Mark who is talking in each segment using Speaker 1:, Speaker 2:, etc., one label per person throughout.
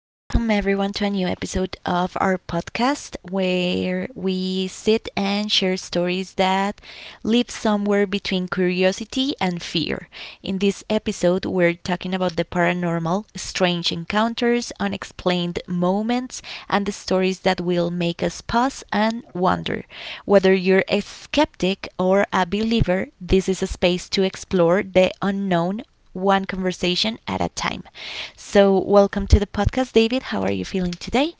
Speaker 1: Welcome everyone to a new episode of our podcast where we sit and share stories that live somewhere between curiosity and fear. In this episode, we're talking about the paranormal, strange encounters, unexplained moments, and the stories that will make us pause and wonder. Whether you're a skeptic or a believer, this is a space to explore the unknown one conversation at a time. So, welcome to the podcast, David. How are you feeling today?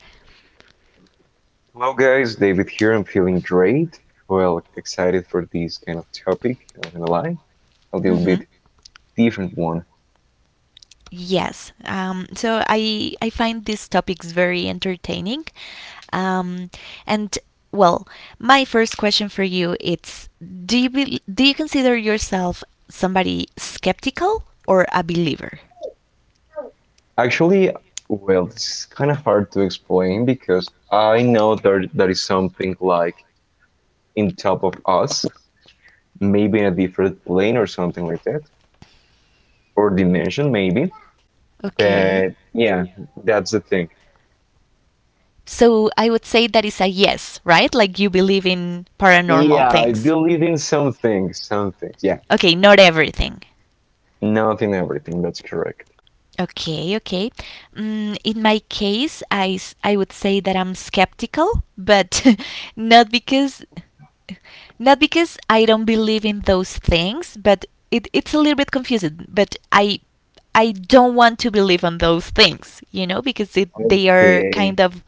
Speaker 2: Hello guys, David here. I'm feeling great. Well, excited for this kind of topic. Not gonna lie, a little
Speaker 1: Hmm.
Speaker 2: bit different one.
Speaker 1: Yes. So I find these topics very entertaining. Um, and well, my first question for you it's do you consider yourself somebody skeptical or a believer?
Speaker 2: Actually, well, it's kind of hard to explain because I know there is something like in top of us, maybe in a different plane or something like that, or dimension maybe.
Speaker 1: Okay.
Speaker 2: But yeah, that's the thing.
Speaker 1: So I would say that is a yes, right? Like you believe in paranormal
Speaker 2: Yeah, I
Speaker 1: things.
Speaker 2: believe in some things, some things. Yeah,
Speaker 1: Okay, not everything.
Speaker 2: nothing, everything. That's correct.
Speaker 1: Okay, okay. In my case, I would say that I'm skeptical, but not because not because I don't believe in those things, but it's a little bit confusing. But I don't want to believe on those things, because they are
Speaker 2: Okay.
Speaker 1: kind of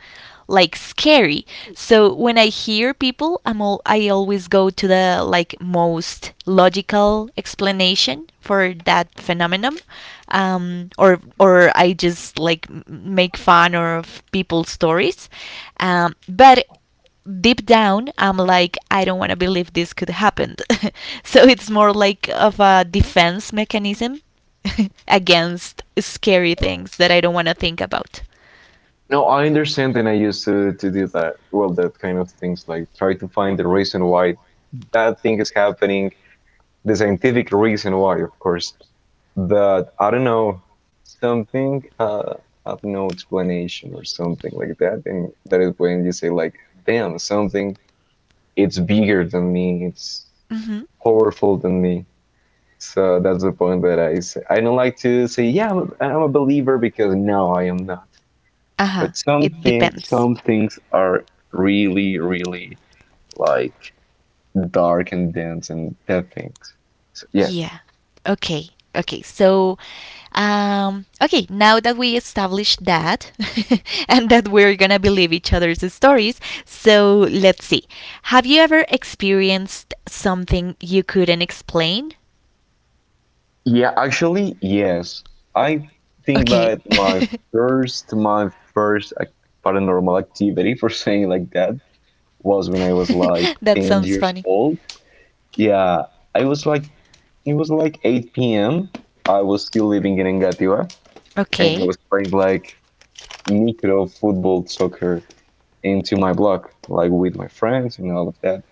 Speaker 1: like scary. So when I hear people, I always go to the like most logical explanation for that phenomenon, or I just like make fun of people's stories. But deep down, I'm like I don't want to believe this could happen. So it's more like of a defense mechanism against scary things that I don't want to think about.
Speaker 2: No, I understand, and I used to do that. Well, that kind of things, like try to find the reason why that thing is happening, the scientific reason why, of course. But I don't know, something have no explanation or something like that, and that is when you say like, "Damn, something it's bigger than me, it's
Speaker 1: Mm-hmm.
Speaker 2: powerful than me." So that's the point that I say. I don't like to say, "Yeah, I'm a believer," because no, I am not.
Speaker 1: Uh-huh.
Speaker 2: But some
Speaker 1: It
Speaker 2: thing,
Speaker 1: depends.
Speaker 2: some things are really, really like dark and dense and dead things. So, yeah,
Speaker 1: Yeah. Okay. Okay. So, okay. Now that we established that, and that we're gonna believe each other's stories, so let's see. Have you ever experienced something you couldn't explain?
Speaker 2: yeah. Actually, yes. I think
Speaker 1: Okay.
Speaker 2: that my first, my first like, paranormal activity, for saying it like that, was when I was like
Speaker 1: That
Speaker 2: ten
Speaker 1: sounds
Speaker 2: years
Speaker 1: funny.
Speaker 2: old. Yeah, I was like, it was like 8 p.m. I was still living in Engativá, and I
Speaker 1: Okay.
Speaker 2: was playing like micro football soccer into my blog, like with my friends and all of that.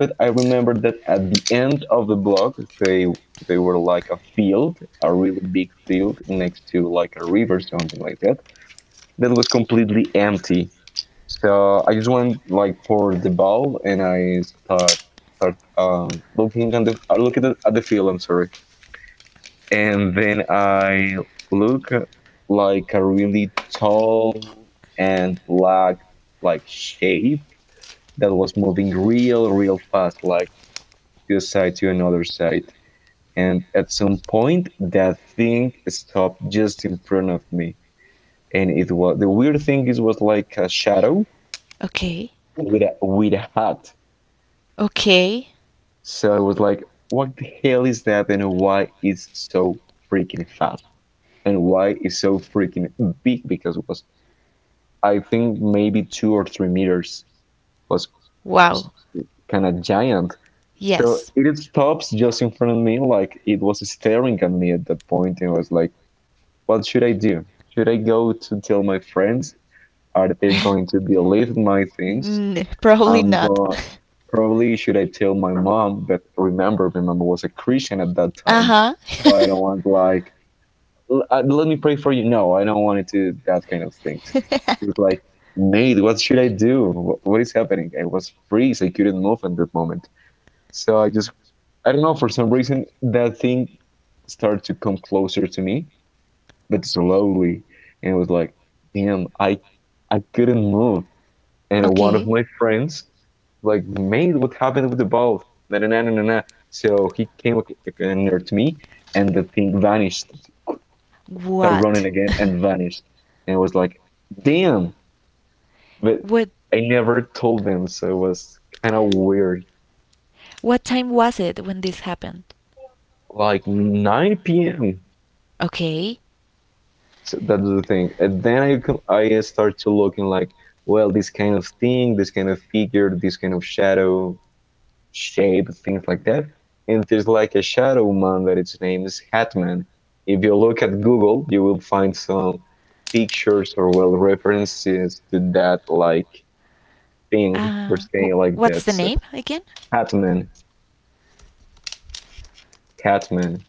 Speaker 2: But I remember that at the end of the blog, they they were like a field, a really big field next to like a river, something like that. That was completely empty. So I just went like for the ball, and I start start looking at the I look at the field. I'm sorry, and then I look like a really tall and black like shape that was moving real, real fast, like to a side to another side. And at some point, that thing stopped just in front of me. And it was the weird thing is was like a shadow
Speaker 1: Okay.
Speaker 2: with a hat.
Speaker 1: Okay.
Speaker 2: So I was like, what the hell is that and why it's so freaking fast? And why it's so freaking big? Because it was I think maybe 2 or 3 meters was was
Speaker 1: Wow.
Speaker 2: kind of giant. So
Speaker 1: Yes.
Speaker 2: it stops just in front of me, like it was staring at me at that point, and I was like, "What should I do? Should I go to tell my friends? Are they going to believe my things?"
Speaker 1: Probably not.
Speaker 2: But probably should I tell my mom? But remember, mom was a Christian at that time,
Speaker 1: Uh-huh.
Speaker 2: so I don't want like, "Let me pray for you." No, I don't want it to do that kind of things. It was like, "Nate, what should I do? What is happening?" I was freeze. I couldn't move at that moment. So I don't know, for some reason, that thing started to come closer to me, but slowly. And it was like, damn, I couldn't move. And one of
Speaker 1: Okay.
Speaker 2: my friends, like, made what happened with the ball. Na, na, na, na, na, na. So he came near to me, and the thing vanished, started running
Speaker 1: What?
Speaker 2: again and vanished. And it was like, damn. But
Speaker 1: What?
Speaker 2: I never told them, so it was kind of weird.
Speaker 1: What time was it when this happened?
Speaker 2: Like 9 p.m.
Speaker 1: Okay.
Speaker 2: So that's the thing. And then I start to looking like, well, this kind of thing, this kind of figure, this kind of shadow shape, things like that. And there's like a shadow man that its name is Hatman. If you look at Google, you will find some pictures or well references to that like thing or thing like that.
Speaker 1: What's the
Speaker 2: So,
Speaker 1: name again?
Speaker 2: Hatman, Catman.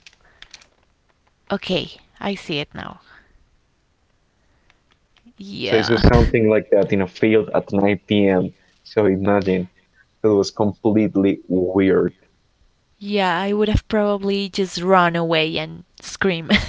Speaker 1: Okay, I see it now.
Speaker 2: So it
Speaker 1: Yeah.
Speaker 2: was something like that in a field at 9 p.m. So imagine it was completely weird.
Speaker 1: Yeah, I would have probably just run away and scream.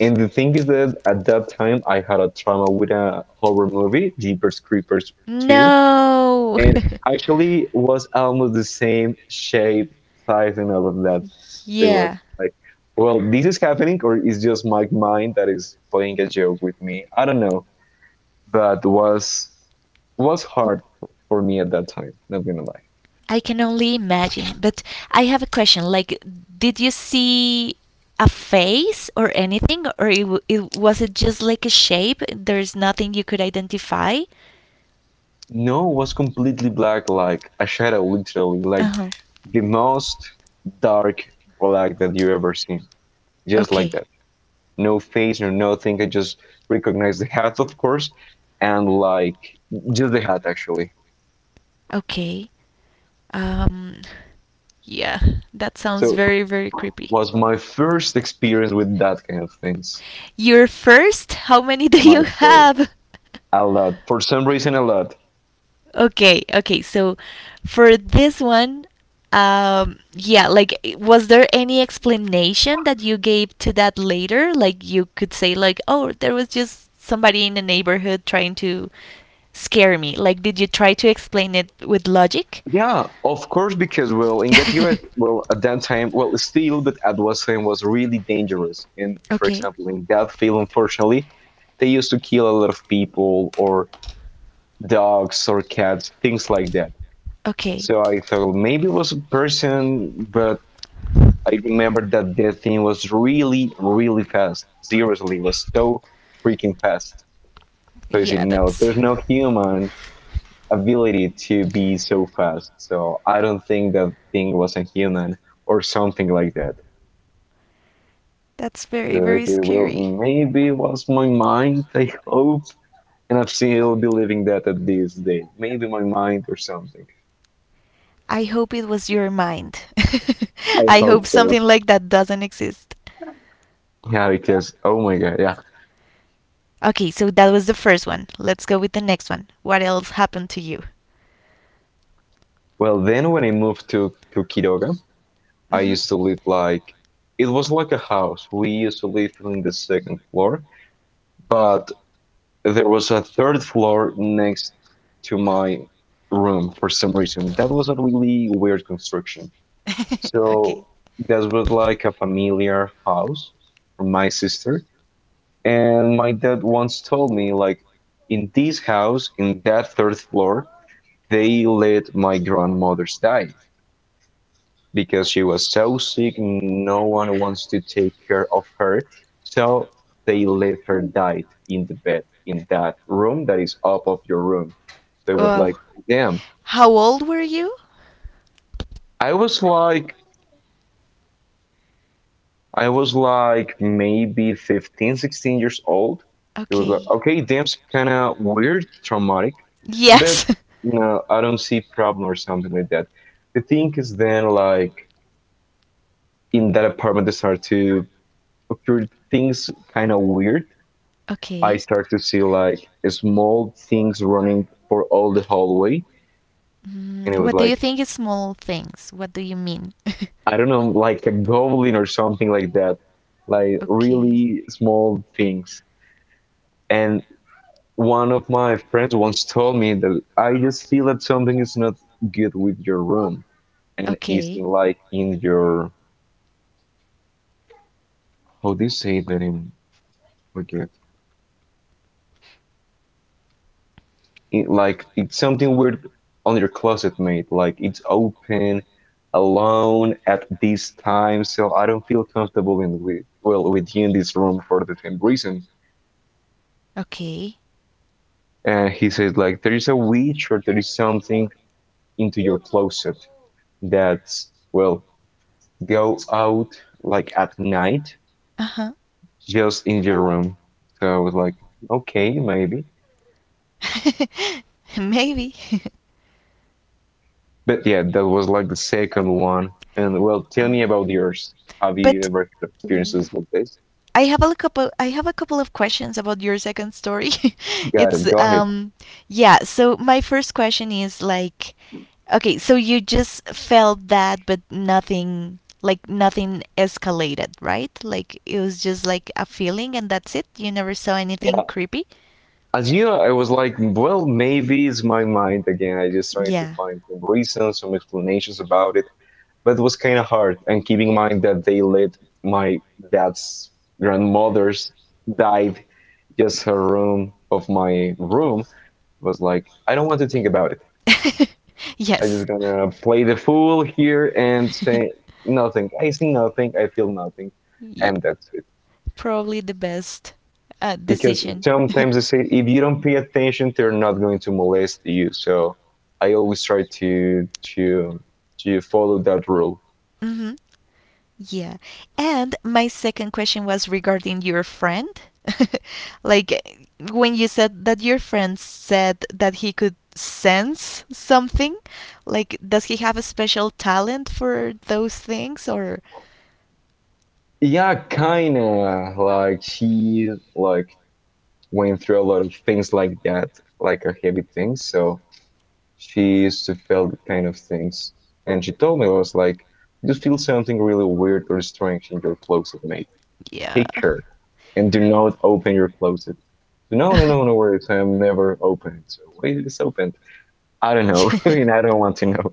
Speaker 2: And the thing is that at that time I had a trauma with a horror movie, Jeepers Creepers 2,
Speaker 1: No.
Speaker 2: and actually was almost the same shape, size, and all of that. So it was
Speaker 1: Yeah.
Speaker 2: like, well, this is happening, or it's just my mind that is playing a joke with me. I don't know, but was hard for me at that time. Not gonna lie.
Speaker 1: I can only imagine, but I have a question. Like, did you see a face or anything, or it was it just like a shape? There's nothing you could identify.
Speaker 2: No, was completely black, like a shadow, literally, like
Speaker 1: Uh huh.
Speaker 2: the most dark black that you ever seen, just like
Speaker 1: Okay.
Speaker 2: that. No face, no nothing. I just recognized the hat, of course, and like just the hat actually.
Speaker 1: Okay. Um. Yeah, that sounds
Speaker 2: So it
Speaker 1: very very creepy.
Speaker 2: was my first experience with that kind of things.
Speaker 1: Your first? How many do
Speaker 2: My
Speaker 1: you
Speaker 2: first,
Speaker 1: have?
Speaker 2: a lot. For some reason, a lot.
Speaker 1: Okay, okay. So for this one, yeah, like was there any explanation that you gave to that later? Like you could say like, "Oh, there was just somebody in the neighborhood trying to scare me." Like did you try to explain it with logic?
Speaker 2: Yeah, of course, because well, in Gatiba, well, at that time, well, still, but at that time was really dangerous. And for
Speaker 1: Okay.
Speaker 2: example, in that field, unfortunately, they used to kill a lot of people or dogs or cats, things like that.
Speaker 1: Okay.
Speaker 2: So I thought well, maybe it was a person, but I remember that the thing was really, really fast. Seriously, it was so freaking fast. So you see,
Speaker 1: Yeah,
Speaker 2: no,
Speaker 1: that's
Speaker 2: there's no human ability to be so fast. So I don't think that thing was a human or something like that.
Speaker 1: that's very
Speaker 2: It
Speaker 1: very
Speaker 2: will
Speaker 1: scary.
Speaker 2: maybe it was my mind. I hope, and I'm still believing that at this day. Maybe my mind or something.
Speaker 1: I hope it was your mind.
Speaker 2: I
Speaker 1: I hope
Speaker 2: hope so.
Speaker 1: something like that doesn't exist.
Speaker 2: Yeah, because oh my god, yeah.
Speaker 1: Okay, so that was the first one. Let's go with the next one. What else happened to you?
Speaker 2: Well, then when I moved to Quiroga, I
Speaker 1: Hmm.
Speaker 2: used to live like it was like a house. We used to live in the second floor, but there was a third floor next to my room for some reason. That was a really weird construction. So
Speaker 1: Okay.
Speaker 2: that was like a familiar house for my sister. And my dad once told me like in this house, in that third floor, they let my grandmother's die. Because she was so sick, no one wants to take care of her. So they let her die in the bed in that room that is up of your room. So it was like,
Speaker 1: Wow.
Speaker 2: damn.
Speaker 1: How old were you?
Speaker 2: I was like, I was like maybe 15, 16 years old. It was like,
Speaker 1: Okay.
Speaker 2: okay, damn, kind of weird, traumatic, but
Speaker 1: Yes.
Speaker 2: no, I don't see problem or something like that. The thing is then like in that apartment, they start to occur things kind of weird. I
Speaker 1: Okay.
Speaker 2: start to see like small things running for all the hallway, and it was
Speaker 1: What do you
Speaker 2: like
Speaker 1: think is small things? What do you mean?
Speaker 2: I don't know, like a goblin or something like that, like
Speaker 1: okay.
Speaker 2: really small things. And one of my friends once told me that I just feel that something is not good with your room and is
Speaker 1: Okay.
Speaker 2: like in your how do you say that in forget it, like it's something weird on your closet mate, like it's open alone at this time, so I don't feel comfortable in, with, well, with you in this room for the same reason,
Speaker 1: Okay.
Speaker 2: and he says like there is a witch or there is something into your closet, that's well go out like at night
Speaker 1: Uh
Speaker 2: just in your room. So I was like, okay, maybe.
Speaker 1: huh. Maybe.
Speaker 2: But yeah, that was like the second one, and well, tell me
Speaker 1: um,
Speaker 2: about yours. Have you
Speaker 1: but
Speaker 2: ever had experiences like this?
Speaker 1: I have a couple. I have a couple of questions about your second story.
Speaker 2: Got it.
Speaker 1: It's,
Speaker 2: Go ahead.
Speaker 1: yeah. So my first question is like, okay, so you just felt that, but nothing escalated, right? Like it was just like a feeling, and that's it. You never saw anything
Speaker 2: Yeah.
Speaker 1: creepy.
Speaker 2: As you know, I was like, well, maybe it's my mind again. I just tried to
Speaker 1: Yeah.
Speaker 2: find some reasons, some explanations about it, but it was kind of hard. And keeping in mind that they let my dad's grandmother's died just her room of my room was like, I don't want to think about it. I'm
Speaker 1: Yes.
Speaker 2: just gonna play the fool here and say nothing. I see nothing. I feel nothing,
Speaker 1: Ye-
Speaker 2: and that's it.
Speaker 1: Probably the best
Speaker 2: Because
Speaker 1: decision.
Speaker 2: sometimes they say if you don't pay attention
Speaker 1: They.
Speaker 2: they're not going to molest you, so I always try to follow that rule.
Speaker 1: Hmm. Yeah. And my second question was regarding your friend. Like, when you said that your friend said that he could sense something, like does he have a special talent for those things, or
Speaker 2: Yeah, kind of like she like went through a lot of things like that, like a heavy thing, so she used to feel that kind of things, and she told me, I was like, you feel something really weird or strange in your closet mate,
Speaker 1: yeah.
Speaker 2: take care, and do not open your closet. No, no, no, no worries. I'm never open. So why is this open? I don't know. And I don't want to know.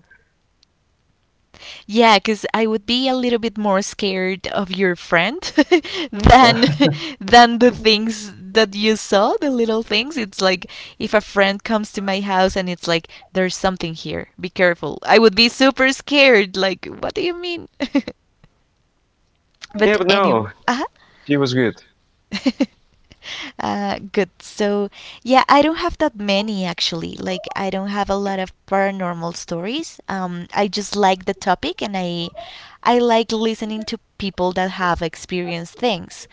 Speaker 1: Yeah, because I would be a little bit more scared of your friend than than the things that you saw, the little things. It's like if a friend comes to my house and it's like there's something here, be careful. I would be super scared. Like, what do you mean? But
Speaker 2: Yeah, but
Speaker 1: anyway.
Speaker 2: no,
Speaker 1: Uh-huh.
Speaker 2: she was good.
Speaker 1: Good. So, yeah, I don't have that many actually. Like, I don't have a lot of paranormal stories. I just like the topic, and I like listening to people that have experienced things,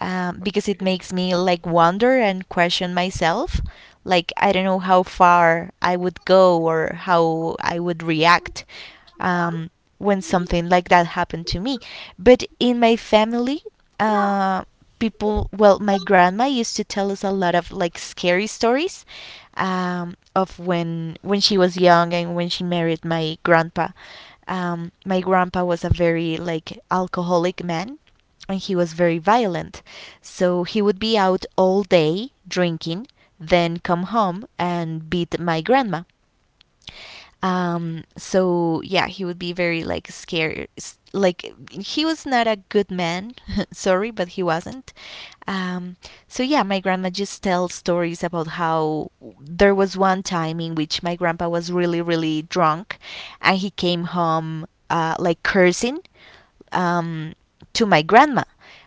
Speaker 1: because it makes me like wonder and question myself. Like, I don't know how far I would go or how I would react, um, when something like that happened to me. But in my family, uh people, well, my grandma used to tell us a lot of like scary stories, of when she was young and when she married my grandpa. My grandpa was a very like alcoholic man, and he was very violent, so he would be out all day drinking, then come home and beat my grandma. So yeah, he would be very like scared. Like, he was not a good man. Sorry, but he wasn't. um, so yeah, my grandma just tells stories about how there was one time in which my grandpa was really, really drunk, and he came home like cursing, um, to my grandma.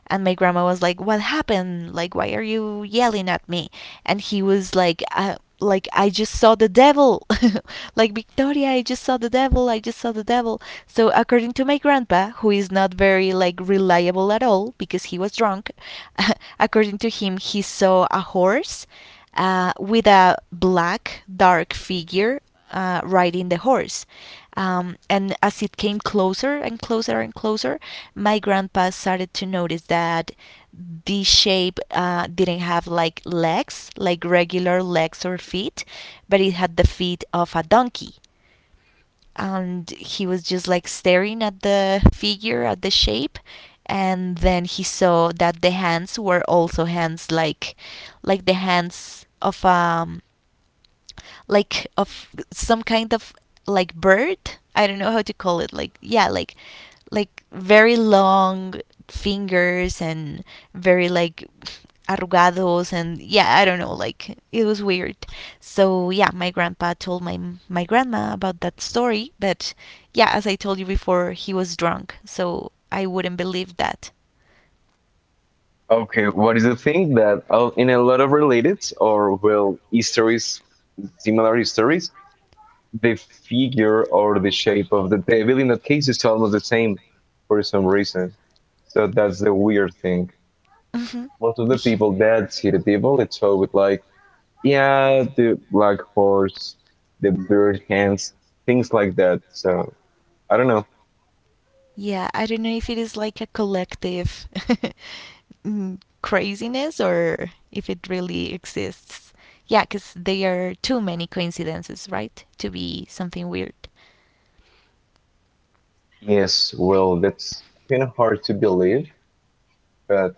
Speaker 1: And my grandma was like, "What happened? Like, why are you yelling at me?" And he was like, "Like, I just saw the devil. Like, Victoria, I just saw the devil. I just saw the devil." So, according to my grandpa, who is not very like reliable at all because he was drunk, according to him, he saw a horse, with a black dark figure, riding the horse. And as it came closer and closer and closer, my grandpa started to notice that the shape didn't have like legs, like regular legs or feet, but it had the feet of a donkey. And he was just like staring at the figure, at the shape. And then he saw that the hands were also hands like the hands of like of some kind of like bird. I don't know how to call it. Like, yeah, like very long fingers and very like arrugados, and yeah, I don't know, like it was weird. So yeah, my grandpa told my grandma about that story, but yeah, as I told you before, he was drunk, so I wouldn't believe that.
Speaker 2: Okay, what is the thing that in a lot of related or well histories, similar histories, the figure or the shape of the devil in that case is almost the same for some reason. So that's the weird thing.
Speaker 1: Mm-hmm.
Speaker 2: Most of the
Speaker 1: Yeah.
Speaker 2: people that see the devil, it's always like yeah, the black horse, the bird hands, things like that. So I don't know.
Speaker 1: Yeah, I don't know if it is like a collective craziness or if it really exists. Yeah, because there are too many coincidences, right? To be something weird.
Speaker 2: Yes, well, that's kind of hard to believe, but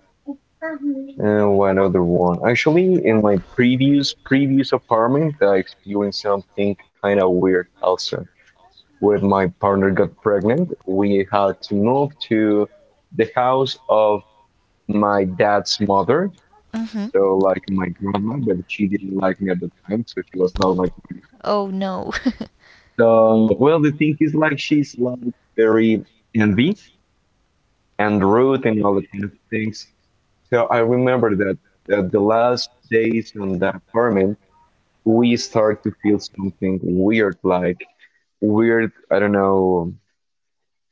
Speaker 2: one other one. Actually, in my previous apartment, I experienced something kind of weird also. When my partner got pregnant, we had to move to the house of my dad's mother.
Speaker 1: Mm-hmm.
Speaker 2: So like my grandma, but she didn't like me at the time, so she was not like.
Speaker 1: Oh no.
Speaker 2: So, well, the thing is, like, she's like very envy and rude and all the kind of things. So I remember that the last days on the apartment, we start to feel something weird, like weird, I don't know,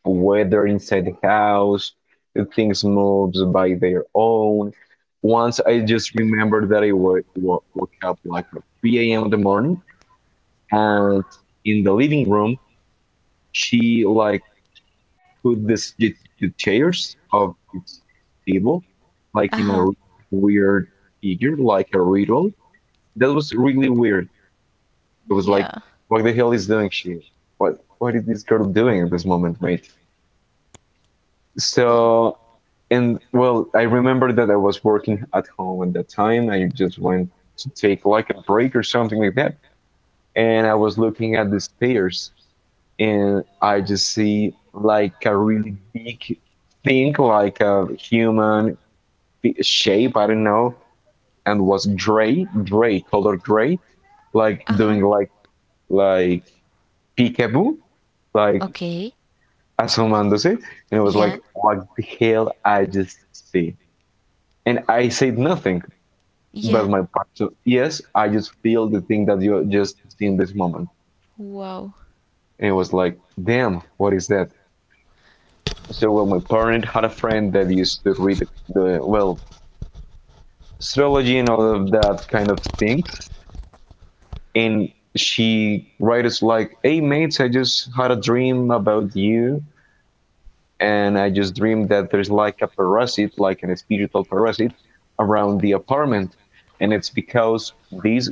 Speaker 2: weather inside the house, the things moves by their own. Once I just remembered that I woke up like at 3 a.m. in the morning and in the living room, she like put the chairs of its table like in
Speaker 1: Uh-huh.
Speaker 2: a weird figure, like a riddle. That was really weird. It was like,
Speaker 1: Yeah.
Speaker 2: what the hell is doing she? What is this girl doing at this moment, mate? So,
Speaker 1: Wow.
Speaker 2: and well, I remember that I was working at home at that time. I just went to take like a break or something like that. And I was looking at the stairs and I just see like a really big thing, like a human shape, I don't know, and was gray, color gray, like
Speaker 1: Uh-huh.
Speaker 2: doing like peekaboo, like
Speaker 1: Okay.
Speaker 2: asomándose, and it was like,
Speaker 1: Yeah.
Speaker 2: what the hell I just see, and I said nothing, but
Speaker 1: Yeah.
Speaker 2: my part. So yes, I just feel the thing that you just see in this moment,
Speaker 1: Wow.
Speaker 2: and it was like, damn, what is that? So well, my parent had a friend that used to read the, well, astrology and all of that kind of things, and she writes like, "Hey mates, I just had a dream about you, and I just dreamed that there's like a parasite, like an spiritual parasite, around the apartment, and it's because these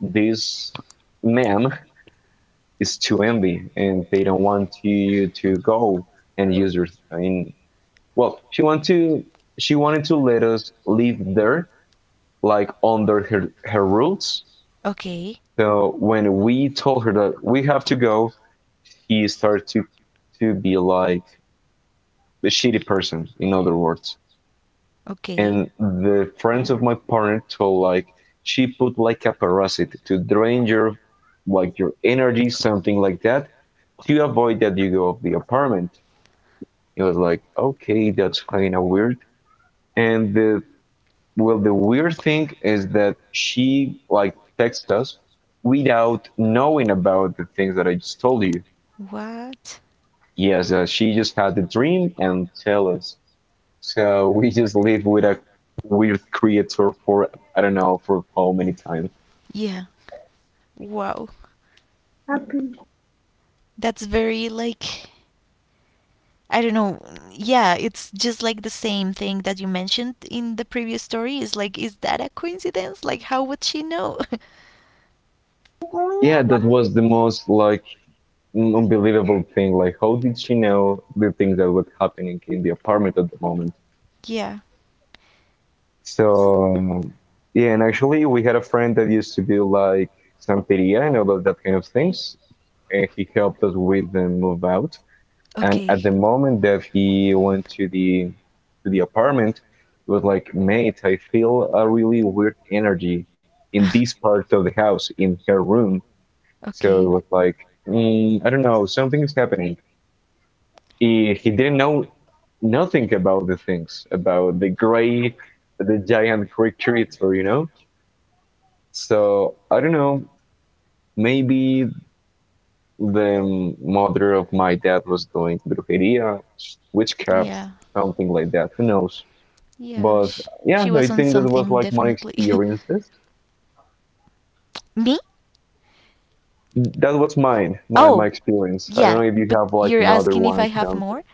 Speaker 2: this man is too envy, and they don't want you to go and use your." I mean, well, she wanted to let us live there, like under her rules.
Speaker 1: Okay.
Speaker 2: So when we told her that we have to go, he started to be like a shitty person, in other words.
Speaker 1: Okay.
Speaker 2: And the friends of my partner told like she put like a parasite to drain your, like, your energy, something like that, to avoid that you go off the apartment. It was like, okay, that's kind of weird. And the, well, the weird thing is that she like texted us without knowing about the things that I just told you.
Speaker 1: What?
Speaker 2: Yes, she just had the dream and tell us. So we just live with a weird creature for, I don't know, for how many times.
Speaker 1: Yeah. Wow. That's very like I don't know. Yeah, it's just like the same thing that you mentioned in the previous story. Is like, is that a coincidence? Like, how would she know?
Speaker 2: Yeah, that was the most like unbelievable thing. Like, how did she know the things that were happening in the apartment at the moment?
Speaker 1: Yeah.
Speaker 2: So yeah, and actually we had a friend that used to do like santeria and all of that kind of things, and he helped us with the move out. And at
Speaker 1: Okay.
Speaker 2: the moment that he went to the apartment, it was like, "Mate, I feel a really weird energy in this part of the house, in her room." So
Speaker 1: Okay.
Speaker 2: it was like, "I don't know, something is happening." He didn't know nothing about the things, about the gray, the giant creatures. So I don't know. Maybe the mother of my dad was doing brujeria, witchcraft,
Speaker 1: Yeah.
Speaker 2: something like that. Who knows?
Speaker 1: Yeah.
Speaker 2: But
Speaker 1: She,
Speaker 2: yeah,
Speaker 1: she
Speaker 2: I
Speaker 1: was on
Speaker 2: think that was
Speaker 1: something
Speaker 2: like my
Speaker 1: definitely.
Speaker 2: experiences.
Speaker 1: Me?
Speaker 2: That was mine, my
Speaker 1: Oh,
Speaker 2: experience. I don't
Speaker 1: yeah,
Speaker 2: know if you
Speaker 1: but
Speaker 2: have like
Speaker 1: you're
Speaker 2: another
Speaker 1: asking if
Speaker 2: one
Speaker 1: I
Speaker 2: or
Speaker 1: have more?
Speaker 2: something.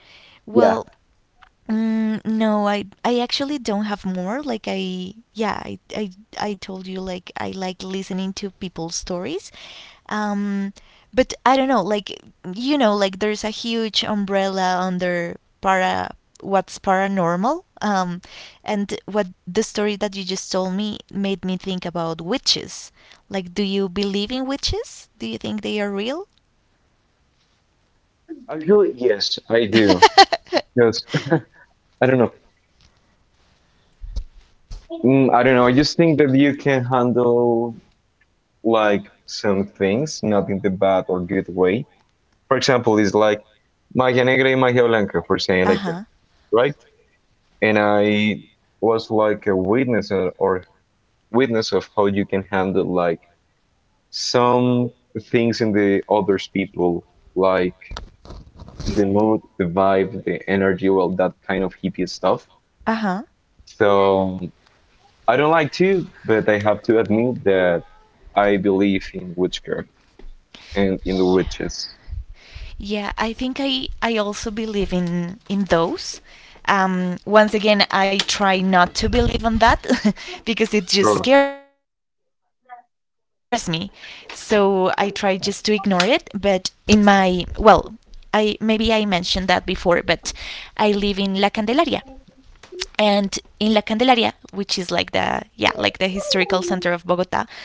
Speaker 2: Yeah,
Speaker 1: Well, no, I actually don't have more. Like, I yeah, I told you like I like listening to people's stories. Um but I don't know, like like there's a huge umbrella under para what's paranormal. And what the story that you just told me made me think about witches. Like, do you believe in witches? Do you think they are real?
Speaker 2: actually, yes, I do. Yes, I don't know. I don't know. I just think
Speaker 1: Huh.
Speaker 2: that you can handle like some things, not in the bad or good way. For example, it's like magia negra and magia blanca, for saying like that, right? And I was like a witness or witness of how you can handle like
Speaker 1: Uh,
Speaker 2: some
Speaker 1: huh.
Speaker 2: things in the others people, like the mood, the vibe, the energy, well, that kind of hippie stuff. So I don't like to, but I have to admit that I believe in witchcraft and in the
Speaker 1: Yeah.
Speaker 2: witches.
Speaker 1: Yeah, I think I also believe in those. Once again, I try not to believe on that because it just
Speaker 2: Sure.
Speaker 1: scares me. So I try just to ignore it. But well, I maybe I mentioned that before, but I live in La Candelaria, and in La Candelaria, which is like the, yeah, like the historical center of Bogota,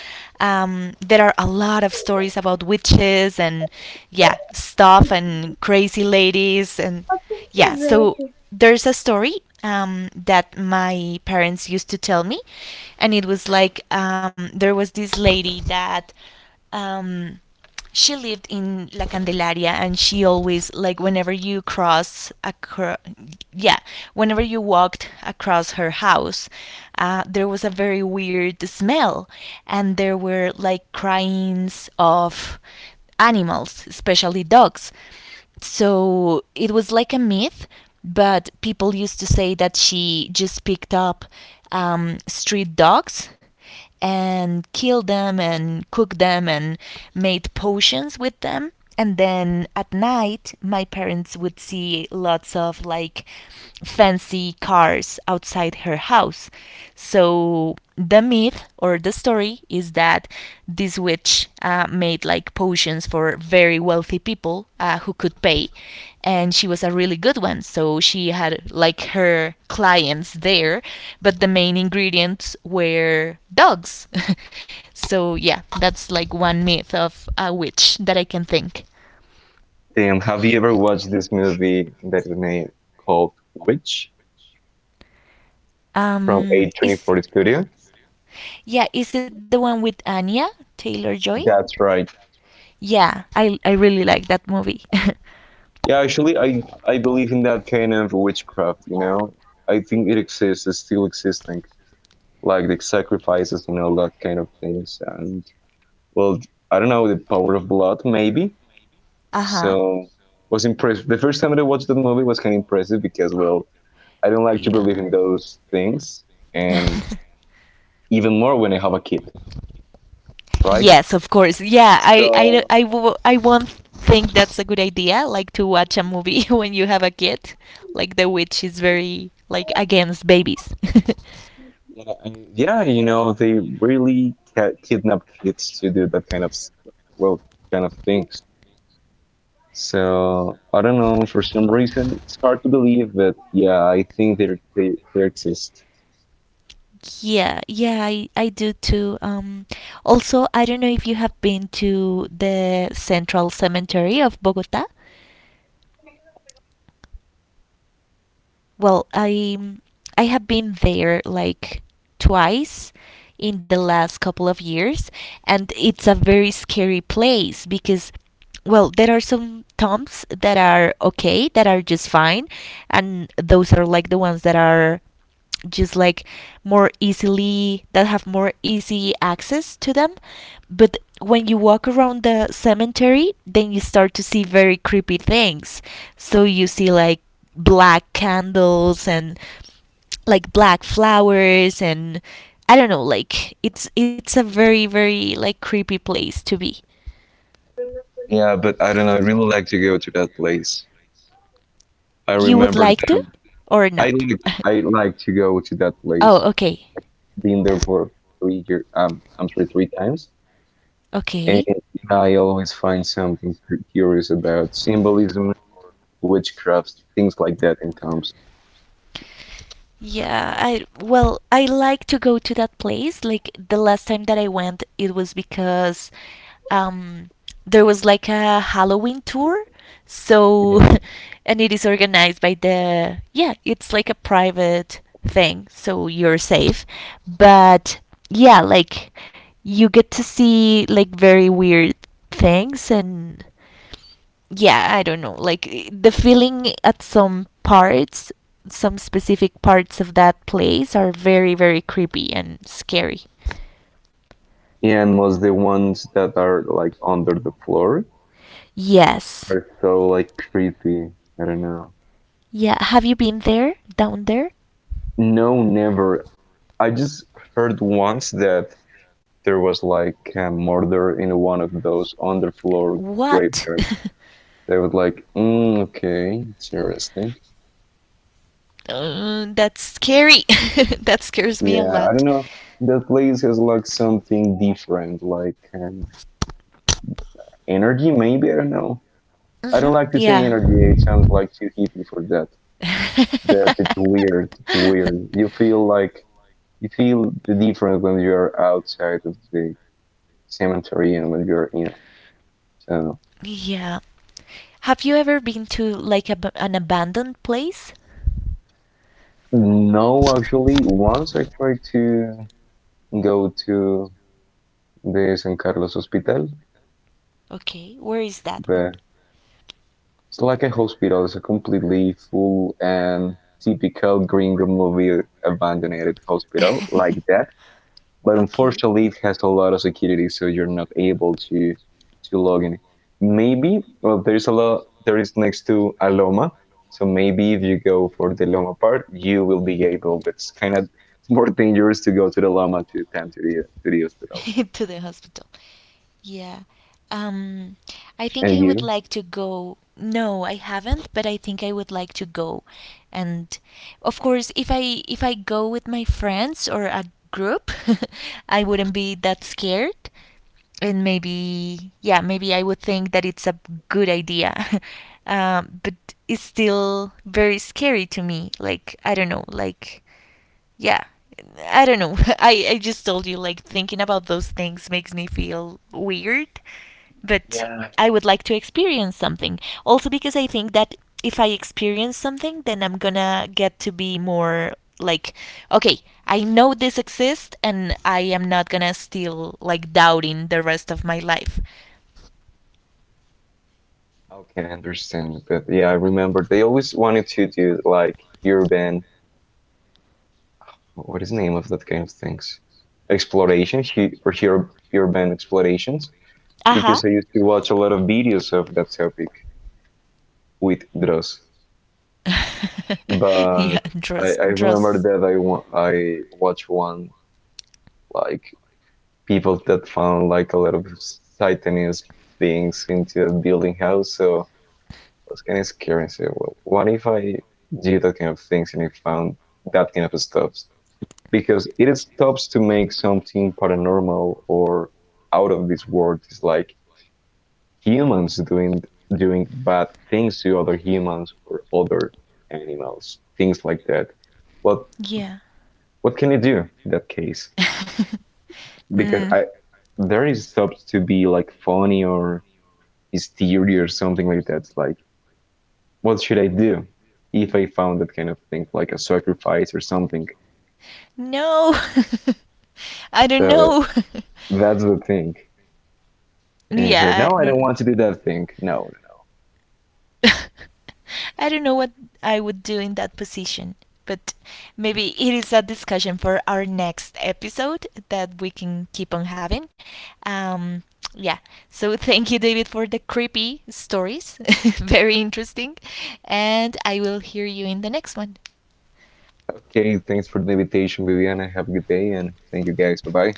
Speaker 1: there are a lot of stories about witches and, yeah, stuff, and crazy ladies. And yeah, so there's a story, that my parents used to tell me, and it was like, there was this lady that, um, she lived in La Candelaria, and she always, like, whenever you cross across, yeah, whenever you walked across her house, there was a very weird smell, and there were like cryings of animals, especially dogs. So it was like a myth, but people used to say that she just picked up, street dogs, and killed them and cooked them and made potions with them. And then at night, my parents would see lots of like fancy cars outside her house. So the myth or the story is that this witch made like potions for very wealthy people, who could pay, and she was a really good one, so she had like her clients there, but the main ingredients were dogs. So yeah, that's like one myth of a witch that I can think.
Speaker 2: Damn, have you ever watched this movie that is named called Witch from
Speaker 1: Is
Speaker 2: A24 Studio?
Speaker 1: Yeah, is it the one with Anya taylor joy
Speaker 2: That's right.
Speaker 1: yeah, I really like that movie.
Speaker 2: Yeah, actually, I believe in that kind of witchcraft. You know, I think it exists, it's still existing, like the sacrifices and all that kind of things. And well, I don't know, the power of blood, maybe.
Speaker 1: Uh-huh.
Speaker 2: So was impressed. The first time that I watched that movie was kind of impressive because, well, I don't like to believe
Speaker 1: Yeah.
Speaker 2: in those things, and even more when I have a kid, right?
Speaker 1: Yes, of course. Yeah,
Speaker 2: So
Speaker 1: I won't think that's a good idea, like to watch a movie when you have a kid. Like, The Witch is very, like, against babies.
Speaker 2: yeah, you know, they really kidnap kids to do that kind of well, kind of things. So I don't know. For some reason, it's hard to believe, but yeah, I think they exist.
Speaker 1: Yeah, yeah, I do too. Also, I don't know if you have been to the Central Cemetery of Bogota. Well, I have been there like twice in the last couple of years, and it's a very scary place because, well, there are some tombs that are okay, that are just fine, and those are like the ones that are just like more easily that have more easy access to them. But when you walk around the cemetery, then you start to see very creepy things. So you see like black candles and like black flowers, and I don't know, like it's a very very like creepy place to be.
Speaker 2: Yeah, but I don't know. I really like to go to that place. I
Speaker 1: You would
Speaker 2: remember
Speaker 1: like to
Speaker 2: that
Speaker 1: or
Speaker 2: I
Speaker 1: not?
Speaker 2: like I like to go to that
Speaker 1: Oh,
Speaker 2: place.
Speaker 1: okay.
Speaker 2: Been there for 3 year. I'm sorry, three times, and
Speaker 1: Okay.
Speaker 2: I always find something curious about symbolism, witchcraft, things like that in Tom's.
Speaker 1: Yeah, I well, I like to go to that place. Like, the last time that I went, it was because um there was like a Halloween tour.
Speaker 2: 예.
Speaker 1: So and it is organized by the yeah, it's like a private thing, so you're safe. But yeah, like, you get to see like very weird things, and yeah, I don't know, like the feeling at some specific parts of that place are very very creepy and scary.
Speaker 2: And most the ones that are like under the floor
Speaker 1: Yes.
Speaker 2: are so like creepy. I don't know.
Speaker 1: Yeah, have you been there, down there?
Speaker 2: No, never. I just heard once that there was like a murder in one of those underfloor
Speaker 1: What?
Speaker 2: graveyards. They was like, okay, it's interesting.
Speaker 1: That's scary. That scares me a
Speaker 2: Yeah, I
Speaker 1: lot.
Speaker 2: don't know. That place has like something different, like energy, maybe. I don't know. I
Speaker 1: Hmm.
Speaker 2: don't like to say
Speaker 1: Yeah.
Speaker 2: energy. It sounds like too hippie for that. That it's weird. It's weird. You feel the difference when you're outside of the cemetery and when you're in. So
Speaker 1: Yeah. Have you ever been to like an abandoned place?
Speaker 2: no, actually, once I tried to go to the San Carlos Hospital,
Speaker 1: Okay, where is that one?
Speaker 2: but it's like a hospital. It's a completely full and typical gringo movie abandoned hospital like that. But
Speaker 1: Okay.
Speaker 2: unfortunately, it has a lot of security, so you're not able to log in. Maybe, well, there's a lot. There is next to a Loma, so maybe if you go for the Loma part, you will be able. But it's kind of it's more dangerous to go to the Loma to than to the hospital.
Speaker 1: To the hospital. Yeah. Um, I think
Speaker 2: And
Speaker 1: I would
Speaker 2: you?
Speaker 1: like to go. No, I haven't, but I think I would like to go. And of course, if I go with my friends or a group, I wouldn't be that scared. And maybe, yeah, maybe I would think that it's a good idea. But it's still very scary to me. Like, I don't know, like, yeah, I don't know. I just told you, like, thinking about those things makes me feel weird, but I would like to experience something, also because I think that if I experience something, then I'm gonna get to be more like, okay, I know this exists, and I am not gonna still like doubting the rest of my life.
Speaker 2: Okay, I understand. But yeah, I remember they always wanted to do like urban, what is the name of that kind of things? Exploration urban explorations.
Speaker 1: Uh-huh.
Speaker 2: Because I used to watch a lot of videos of that topic with Dross. But
Speaker 1: Yeah,
Speaker 2: I,
Speaker 1: trust,
Speaker 2: I remember
Speaker 1: trust.
Speaker 2: that I watched one like people that found like a lot of Satanist things into a building house. So was kind of scary and say, well, what if I do that kind of things and I found that kind of stops? Because it stops to make something paranormal or out of this world. It's like humans doing bad things to other humans or other animals, things like that. But
Speaker 1: Yeah.
Speaker 2: what can you do in that case? Because
Speaker 1: Mm.
Speaker 2: I there is stops to be like funny or hysteria or something like that. It's like, what should I do if I found that kind of thing, like a sacrifice or something?
Speaker 1: No. I don't
Speaker 2: So
Speaker 1: know.
Speaker 2: that's the thing. And he said,
Speaker 1: Yeah,
Speaker 2: no,
Speaker 1: I
Speaker 2: I
Speaker 1: don't.
Speaker 2: don't want to do that thing. No. No,
Speaker 1: I don't know what I would do in that position, but maybe it is a discussion for our next episode that we can keep on having. Um, yeah, so thank you, David, for the creepy stories. Very interesting. And I will hear you in the next one.
Speaker 2: no. Okay, thanks for the invitation, Viviana. Have a good day and thank you guys. Bye bye.